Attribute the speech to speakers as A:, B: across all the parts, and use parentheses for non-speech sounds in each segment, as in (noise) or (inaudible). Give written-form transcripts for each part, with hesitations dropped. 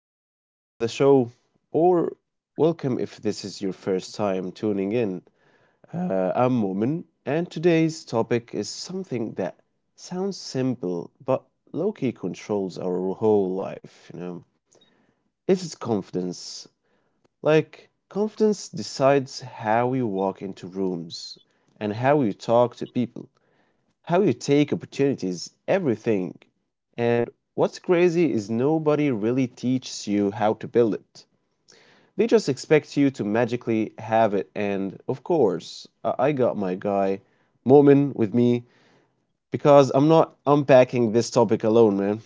A: Welcome back to the show, or welcome if this is your first time tuning in. I'm Momin, and today's topic is something that sounds simple but low key controls our whole life. It's confidence. Like, confidence decides how you walk into rooms and how you talk to people how you take opportunities, everything. And what's crazy is nobody really teaches you how to build it. They just expect you to magically have it. And of course, I got my guy, Momin, with me because I'm not unpacking this topic alone, man.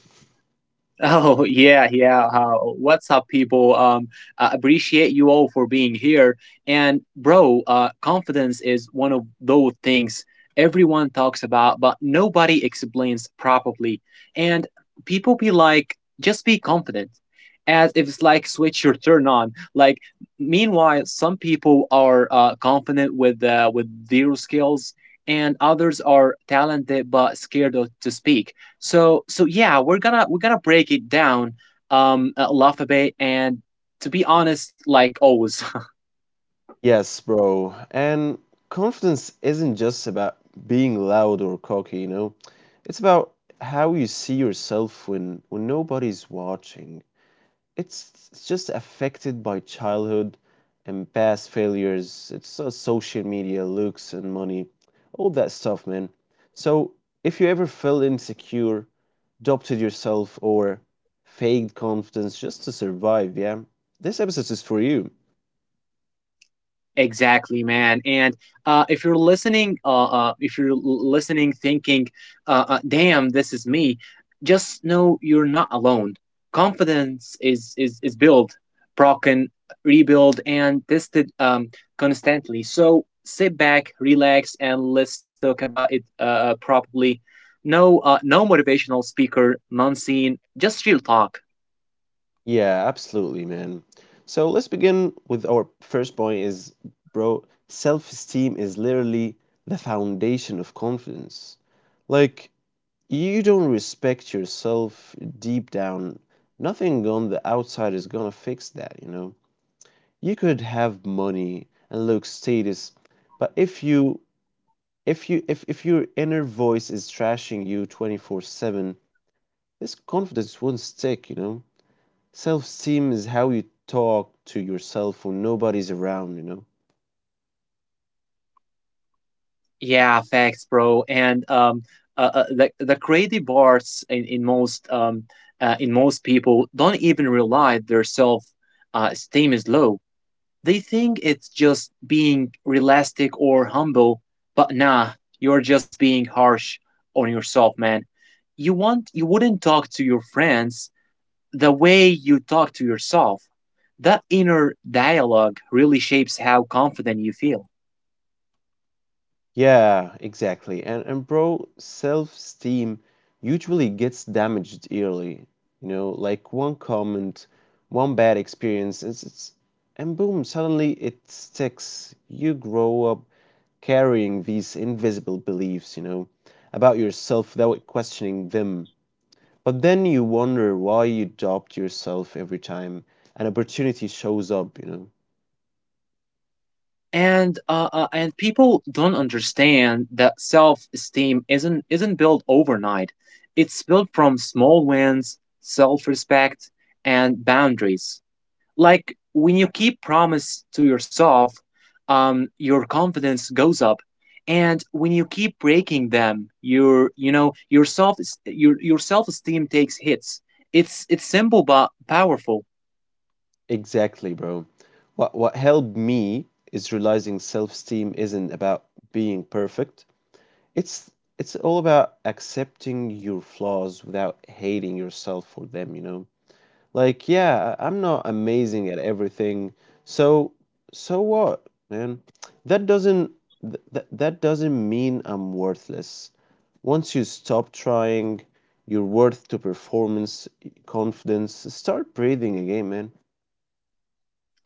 B: Oh yeah, yeah. What's up, people? I appreciate you all for being here. And bro, confidence is one of those things everyone talks about, but nobody explains properly. And people be like, just be confident, as if it's like switch your turn on. Like, meanwhile, some people are confident with zero skills, and others are talented but scared of, to speak so yeah, we're gonna break it down a lot a bit and to be honest, like always.
A: Yes, bro. And confidence isn't just about being loud or cocky, you know? It's about how you see yourself when nobody's watching. It's just affected by childhood and past failures. It's so social media, looks, and money, all that stuff, man. So if you ever felt insecure, doubted yourself, or faked confidence just to survive, yeah, this episode is for you.
B: Exactly, man. And if you're listening, if you're listening, thinking, "Damn, this is me," just know you're not alone. Confidence is built, broken, rebuilt, and tested constantly. So sit back, relax, and let's talk about it properly. No, no motivational speaker, non-scene, just real talk.
A: Yeah, absolutely, man. So let's begin with our first point is, bro, self-esteem is literally the foundation of confidence. Like, you don't respect yourself deep down, nothing on the outside is gonna fix that, you know. You could have money and look status, but if your inner voice is trashing you 24/7, this confidence won't stick, you know. Self-esteem is how you talk to yourself when nobody's around, you know.
B: Yeah, facts, bro. And the crazy parts in in most people don't even realize their self esteem is low. They think it's just being realistic or humble, but nah, you're just being harsh on yourself, man. You wouldn't talk to your friends the way you talk to yourself. That inner dialogue really shapes how confident you feel.
A: Yeah, exactly. And bro, self-esteem usually gets damaged early. You know, like one comment, one bad experience, it's and boom, suddenly it sticks. You grow up carrying these invisible beliefs, you know, about yourself without questioning them. But then you wonder why you doubt yourself every time an opportunity shows up, you know.
B: And people don't understand that self-esteem isn't built overnight. It's built from small wins, self-respect, and boundaries. Like when you keep promise to yourself, your confidence goes up, and when you keep breaking them, your you know your self esteem takes hits. It's simple but powerful.
A: Exactly, bro. What helped me is realizing self-esteem isn't about being perfect. It's it's all about accepting your flaws without hating yourself for them, you know? Like, yeah, I'm not amazing at everything. So so what, man? That doesn't th- th- that doesn't mean I'm worthless. Once you stop trying your worth to performance, confidence, start breathing again, man.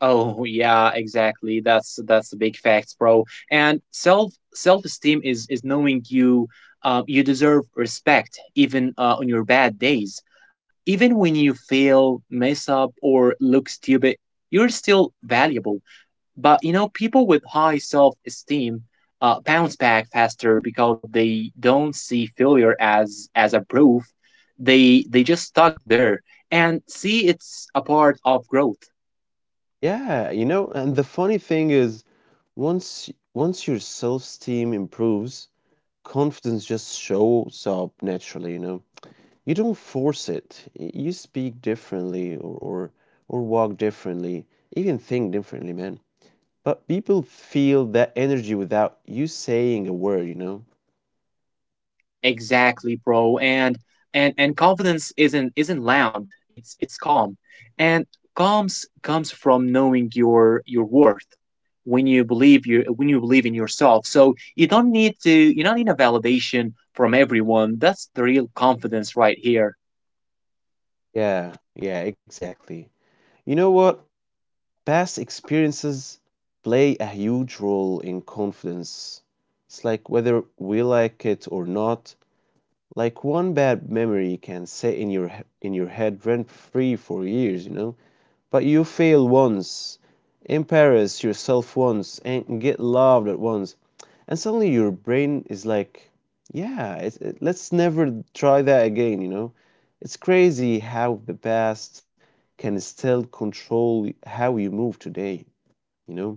B: Oh yeah, exactly. That's the big facts, bro. And self esteem is knowing you you deserve respect even on your bad days, even when you fail, mess up, or look stupid, you're still valuable. But you know, people with high self esteem bounce back faster because they don't see failure as a proof. They just stuck there and see it's a part of growth.
A: Yeah, you know, and the funny thing is once your self-esteem improves, confidence just shows up naturally, you know. You don't force it. You speak differently or walk differently, even think differently, man. But people feel that energy without you saying a word, you know?
B: Exactly, bro. And confidence isn't loud. It's calm, and calms comes from knowing your worth. When you believe in yourself, so you don't need a validation from everyone. That's the real confidence right here.
A: Yeah, yeah, exactly. You know what? Past experiences play a huge role in confidence. It's like whether we like it or not, like one bad memory can sit in your in your head rent free for years, you know. But you fail once, embarrass yourself once, and get loved at once, and suddenly your brain is like, yeah, let's never try that again, you know. It's crazy how the past can still control how you move today. You know?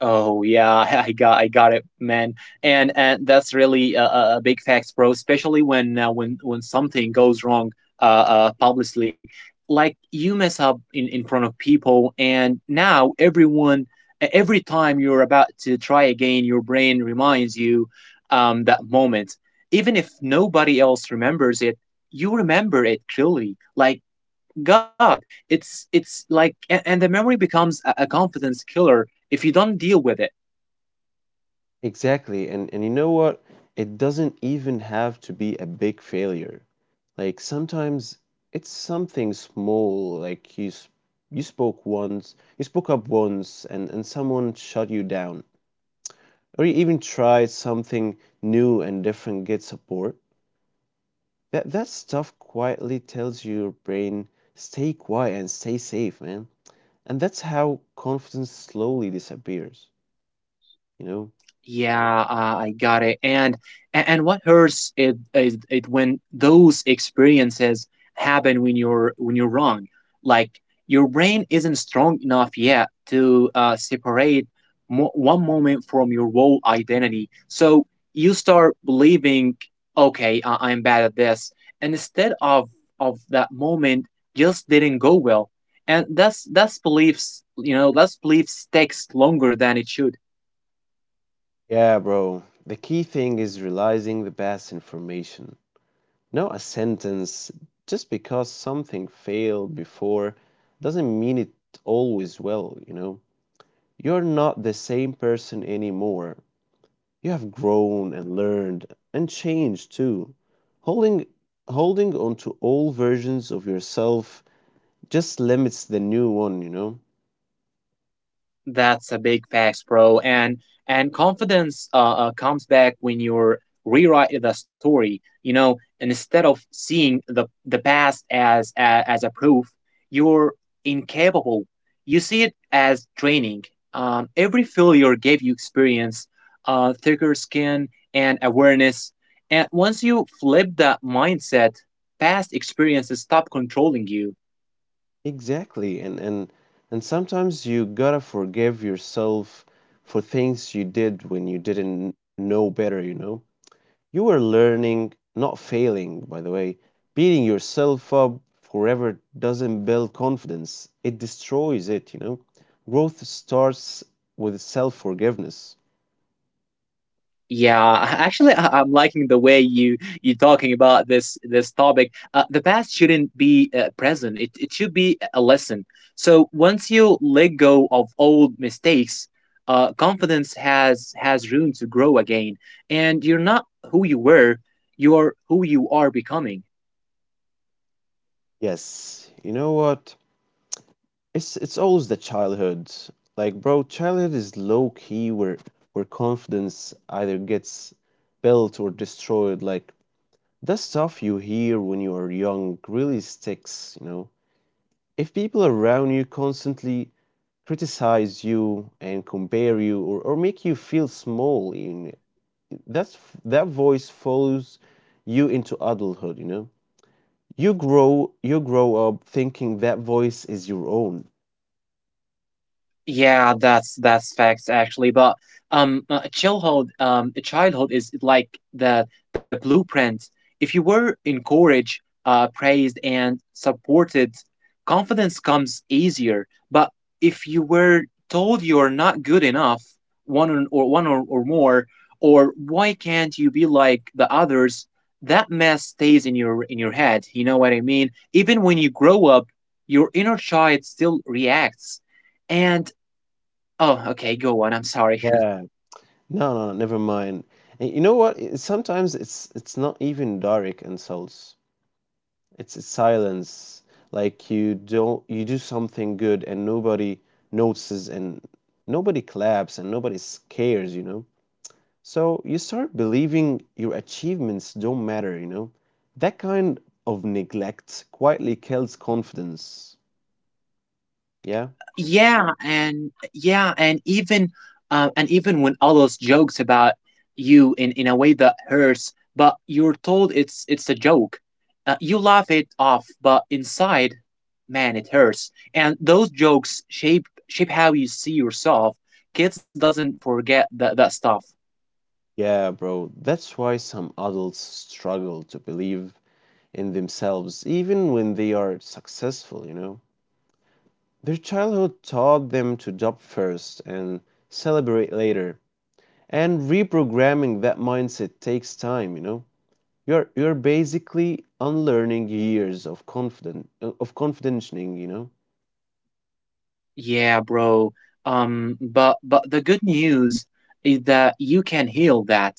B: Oh yeah, (laughs) I got it, man. And that's really a big facts, bro. Especially when something goes wrong, publicly, like you mess up in front of people, and now everyone, every time you're about to try again, your brain reminds you, that moment. Even if nobody else remembers it, you remember it clearly. Like God, it's like, and the memory becomes a confidence killer if you don't deal with it.
A: Exactly. And you know what? It doesn't even have to be a big failure. Like sometimes it's something small, like you spoke once, you spoke up once and someone shut you down. Or you even tried something new and different get support. That stuff quietly tells your brain stay quiet and stay safe, man. And that's how confidence slowly disappears, you know?
B: Yeah, I got it. And and what hurts it is it when those experiences happen when you're wrong. Like your brain isn't strong enough yet to separate one moment from your whole identity. So you start believing, okay, I'm bad at this, and instead of that moment just didn't go well. And that's beliefs, you know, that's belief sticks longer than it should.
A: Yeah, bro. The key thing is realizing the best information. Not a sentence just because something failed before doesn't mean it always will, you know? You're not the same person anymore. You have grown and learned and changed too. Holding holding on to old versions of yourself just limits the new one, you know?
B: That's a big facts, bro. And confidence comes back when you're rewrite the story. You know, instead of seeing the past as a proof, you're incapable. You see it as training. Every failure gave you experience, thicker skin, and awareness. And once you flip that mindset, past experiences stop controlling you.
A: Exactly. And sometimes you gotta forgive yourself for things you did when you didn't know better, you know? You were learning, not failing, by the way. Beating yourself up forever doesn't build confidence. It destroys it, you know? Growth starts with self-forgiveness.
B: Yeah, actually, I'm liking the way you talking about this topic. The past shouldn't be present. It should be a lesson. So once you let go of old mistakes, confidence has room to grow again, and you're not who you were. You are who you are becoming.
A: Yes. You know what? It's always the childhood. Like, bro, childhood is low key where confidence either gets built or destroyed. Like the stuff you hear when you are young really sticks, you know. If people around you constantly criticize you and compare you or make you feel small, you know, that's that voice follows you into adulthood, you know. You grow up thinking that voice is your own.
B: Yeah, that's facts actually. But childhood is like the blueprint. If you were encouraged, praised, and supported, confidence comes easier. But if you were told you're not good enough, one or more, or why can't you be like the others, that mess stays in your head. You know what I mean? Even when you grow up, your inner child still reacts. And Oh, okay, go on. I'm sorry.
A: Yeah,
B: (laughs)
A: no, no, no, never mind. You know what? It- Sometimes it's not even direct insults. It's silence. Like you don't you do something good and nobody notices and nobody claps and nobody cares, you know. So you start believing your achievements don't matter, you know. That kind of neglect quietly kills confidence. Yeah?
B: Yeah, and even when others jokes about you in a way that hurts, but you're told it's a joke. You laugh it off, but inside, man, it hurts. And those jokes shape how you see yourself. Kids doesn't forget that stuff.
A: Yeah, bro. That's why some adults struggle to believe in themselves even when they are successful, you know. Their childhood taught them to job first and celebrate later, and reprogramming that mindset takes time, you know. You're basically unlearning years of confident of conditioning, you know.
B: Yeah, bro. But the good news is that you can heal that.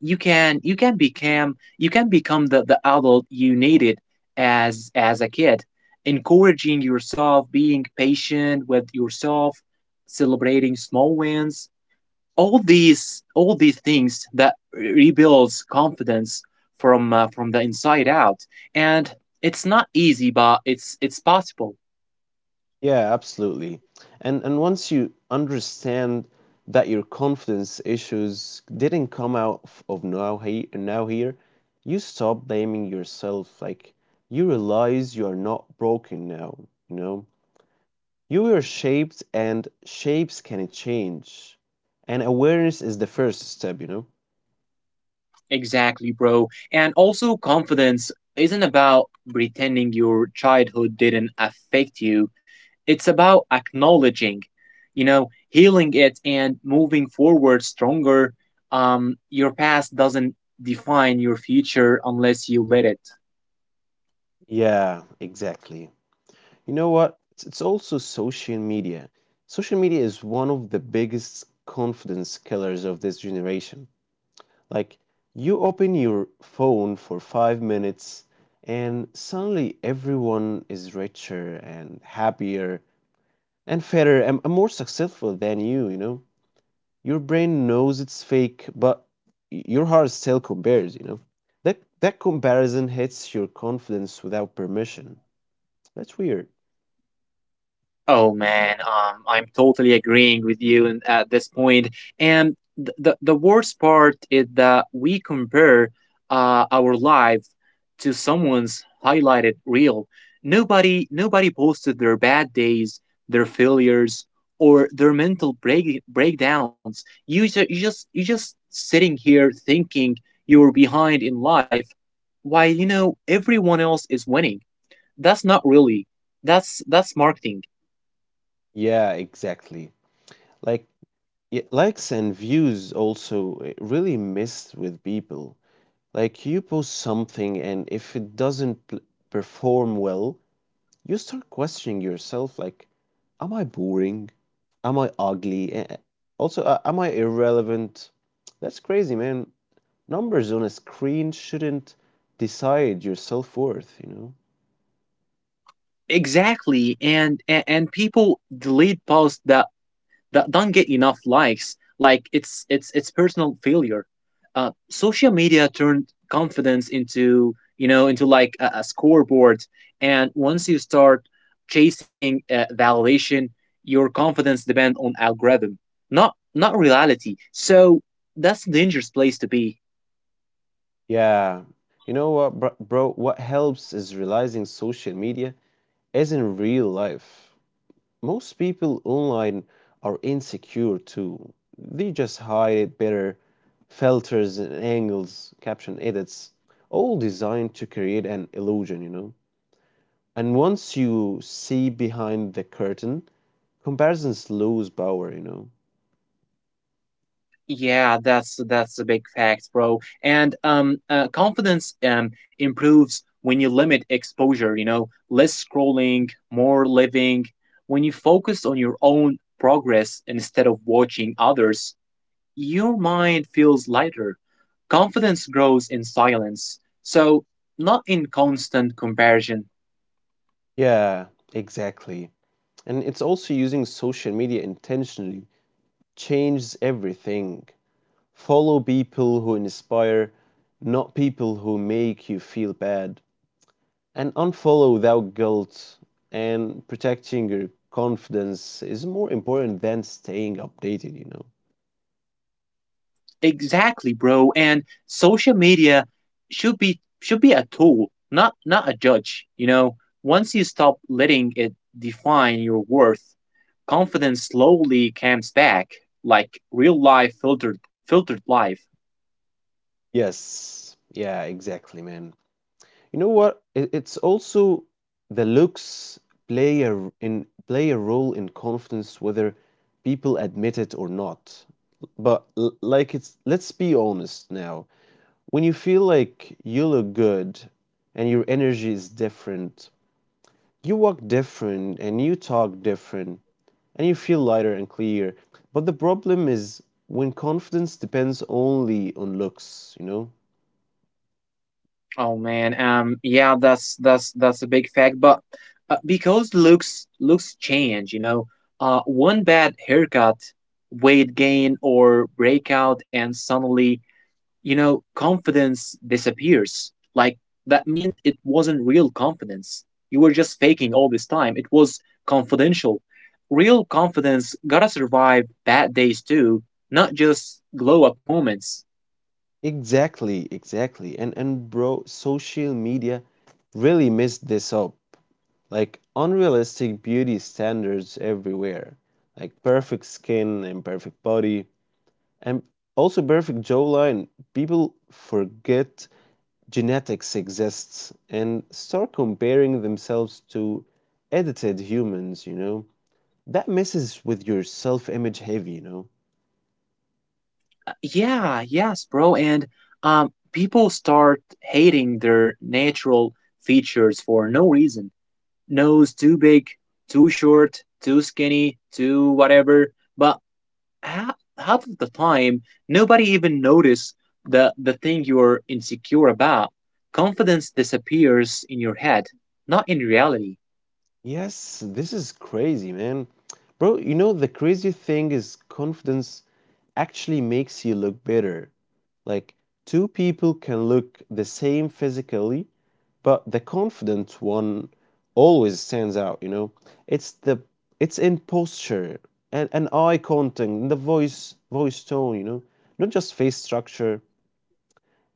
B: You can become the adult you needed as a kid, encouraging yourself, being patient with yourself, celebrating small wins. All these things that rebuilds confidence from the inside out. And it's not easy, but it's possible.
A: Yeah, absolutely. And once you understand that your confidence issues didn't come out of now here, you stop blaming yourself. Like you realize you are not broken now, you know? You were shaped and shapes can change. And awareness is the first step, you know?
B: Exactly, bro. And also, confidence isn't about pretending your childhood didn't affect you, it's about acknowledging, you know, healing it and moving forward stronger. Your past doesn't define your future unless you let it.
A: Yeah, exactly. You know what? It's also social media. Social media is one of the biggest confidence killers of this generation. Like you open your phone for 5 minutes and suddenly everyone is richer and happier and fairer and more successful than you, you know? Your brain knows it's fake, but your heart still compares, you know? That that comparison hits your confidence without permission. That's weird.
B: Oh man, I'm totally agreeing with you in, at this point. And the worst part is that we compare our life to someone's highlighted reel. Nobody posted their bad days, their failures, or their mental breakdowns. You just sitting here thinking you're behind in life, while you know everyone else is winning. That's not really. That's marketing.
A: Yeah, exactly. Like likes and views also really messed with people. Like you post something and if it doesn't perform well, you start questioning yourself like am I boring, am I ugly, Eh, eh, also am I irrelevant? That's crazy, man. Numbers on a screen shouldn't decide your self-worth, you know.
B: Exactly, and people delete posts that don't get enough likes, like it's it's personal failure. Social media turned confidence into, you know, into like a scoreboard. And once you start chasing validation, your confidence depends on algorithm, not reality. So that's a dangerous place to be.
A: Yeah, you know what bro, what helps is realizing social media isn't real life. Most people online are insecure too. They just hide it better. Filters and angles, caption edits, all designed to create an illusion, you know. And once you see behind the curtain, comparisons lose power, you know.
B: Yeah, that's a big fact, bro. And confidence improves when you limit exposure. You know, less scrolling, more living. When you focus on your own progress instead of watching others, your mind feels lighter. Confidence grows in silence, so not in constant comparison.
A: Yeah, exactly. And it's also using social media intentionally changes everything. Follow people who inspire, not people who make you feel bad. And unfollow without guilt, and protecting your confidence is more important than staying updated, you know?
B: Exactly, bro. And social media should be a tool, not a judge. You know, once you stop letting it define your worth, confidence slowly comes back, like real life filtered life.
A: Yes, yeah, exactly, man. You know what? It- It's also the looks play a role in confidence whether people admit it or not. But like it's let's be honest now. When you feel like you look good and your energy is different, you walk different and you talk different and you feel lighter and clear. But the problem is when confidence depends only on looks, you know?
B: Oh man, yeah, that's that's a big fact. But because looks change, you know, one bad haircut, weight gain, or breakout, and suddenly, you know, confidence disappears. Like that meant it wasn't real confidence. You were just faking all this time. It was confidential. Real confidence gotta survive bad days too, not just glow up moments.
A: Exactly, exactly. And bro, social media really messed this up. Like unrealistic beauty standards everywhere. Like perfect skin and perfect body and also perfect jawline. People forget genetics exists and start comparing themselves to edited humans, you know? That messes with your self image heavy, you know?
B: Yeah, yes, bro. And people start hating their natural features for no reason. Nose too big, too short, too skinny, too whatever. But half of the time, nobody even notice the thing you're insecure about. Confidence disappears in your head, not in reality.
A: Yes, this is crazy, man. Bro, you know, the crazy thing is confidence actually makes you look better. Like, two people can look the same physically, but the confident one always stands out, you know. It's the it's in posture and eye contact, and the voice tone, you know. Not just face structure.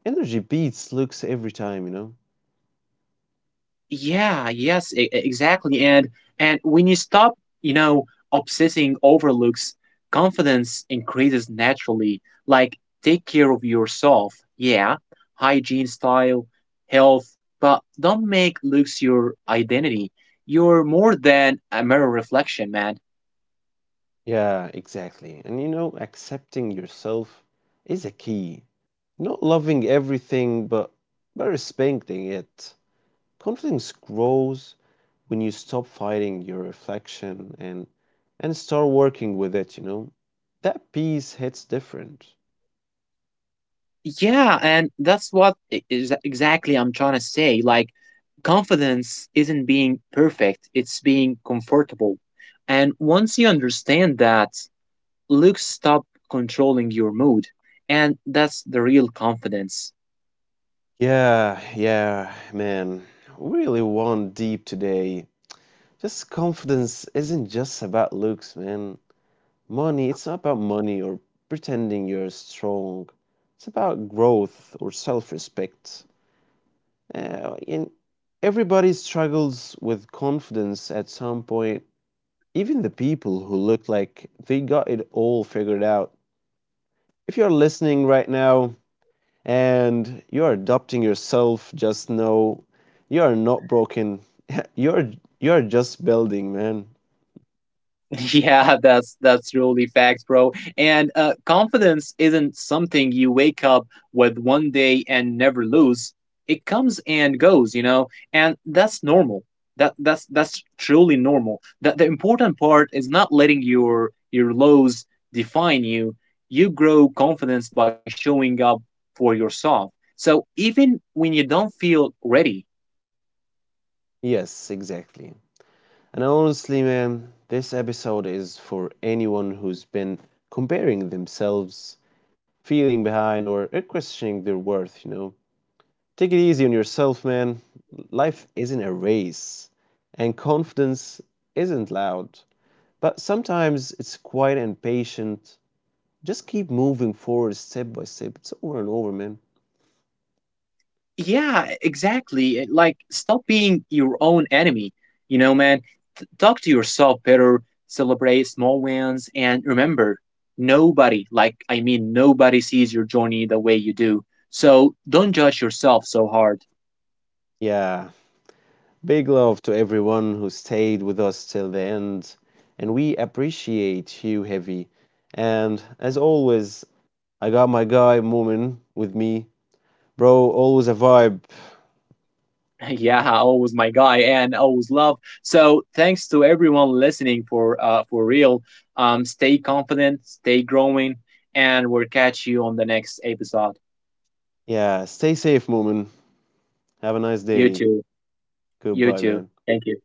A: Energy beats looks every time, you know.
B: Yeah, yes, exactly. And when you stop, you know, obsessing over looks, confidence increases naturally. Like take care of yourself. Yeah, hygiene, style, health, but don't make looks your identity. You're more than a mirror reflection, man.
A: Yeah, exactly. And you know, accepting yourself is a key. Not loving everything, but respecting it. Confidence grows when you stop fighting your reflection and start working with it, you know. That piece hits different.
B: Yeah, and that's what I- is exactly I'm trying to say. Like, confidence isn't being perfect, it's being comfortable. And once you understand that, looks stop controlling your mood. And that's the real confidence.
A: Yeah, yeah, man. We really went deep today. Just confidence isn't just about looks, man. Money, it's not about money or pretending you're strong. It's about growth or self respect. And everybody struggles with confidence at some point, even the people who look like they got it all figured out. If you're listening right now and you're adopting yourself, just know you are not broken. (laughs) You're you're just building, man.
B: (laughs) Yeah, that's really facts, bro. And confidence isn't something you wake up with one day and never lose. It comes and goes, you know, and that's normal. That's truly normal. That the important part is not letting your lows define you. You grow confidence by showing up for yourself. So even when you don't feel ready,
A: Yes, exactly. And honestly, man, this episode is for anyone who's been comparing themselves, feeling behind, or questioning their worth, you know. Take it easy on yourself, man. Life isn't a race, and confidence isn't loud. But sometimes it's quiet and patient. Just keep moving forward step by step. It's over and over, man.
B: yeah, exactly. Like, stop being your own enemy. You know, man, talk to yourself better, celebrate small wins, and remember, nobody, like, I mean, nobody sees your journey the way you do. So don't judge yourself so hard.
A: Yeah, big love to everyone who stayed with us till the end, and we appreciate you heavy. And as always, I got my guy Moomin with me. Bro, always a vibe.
B: (laughs) Yeah, always my guy, and always love. So thanks to everyone listening for real. Stay confident, stay growing, and we'll catch you on the next episode.
A: Yeah, stay safe, Moomin. Have a nice
B: You
A: day.
B: too, you
A: Goodbye,
B: too.
A: man.
B: Thank you.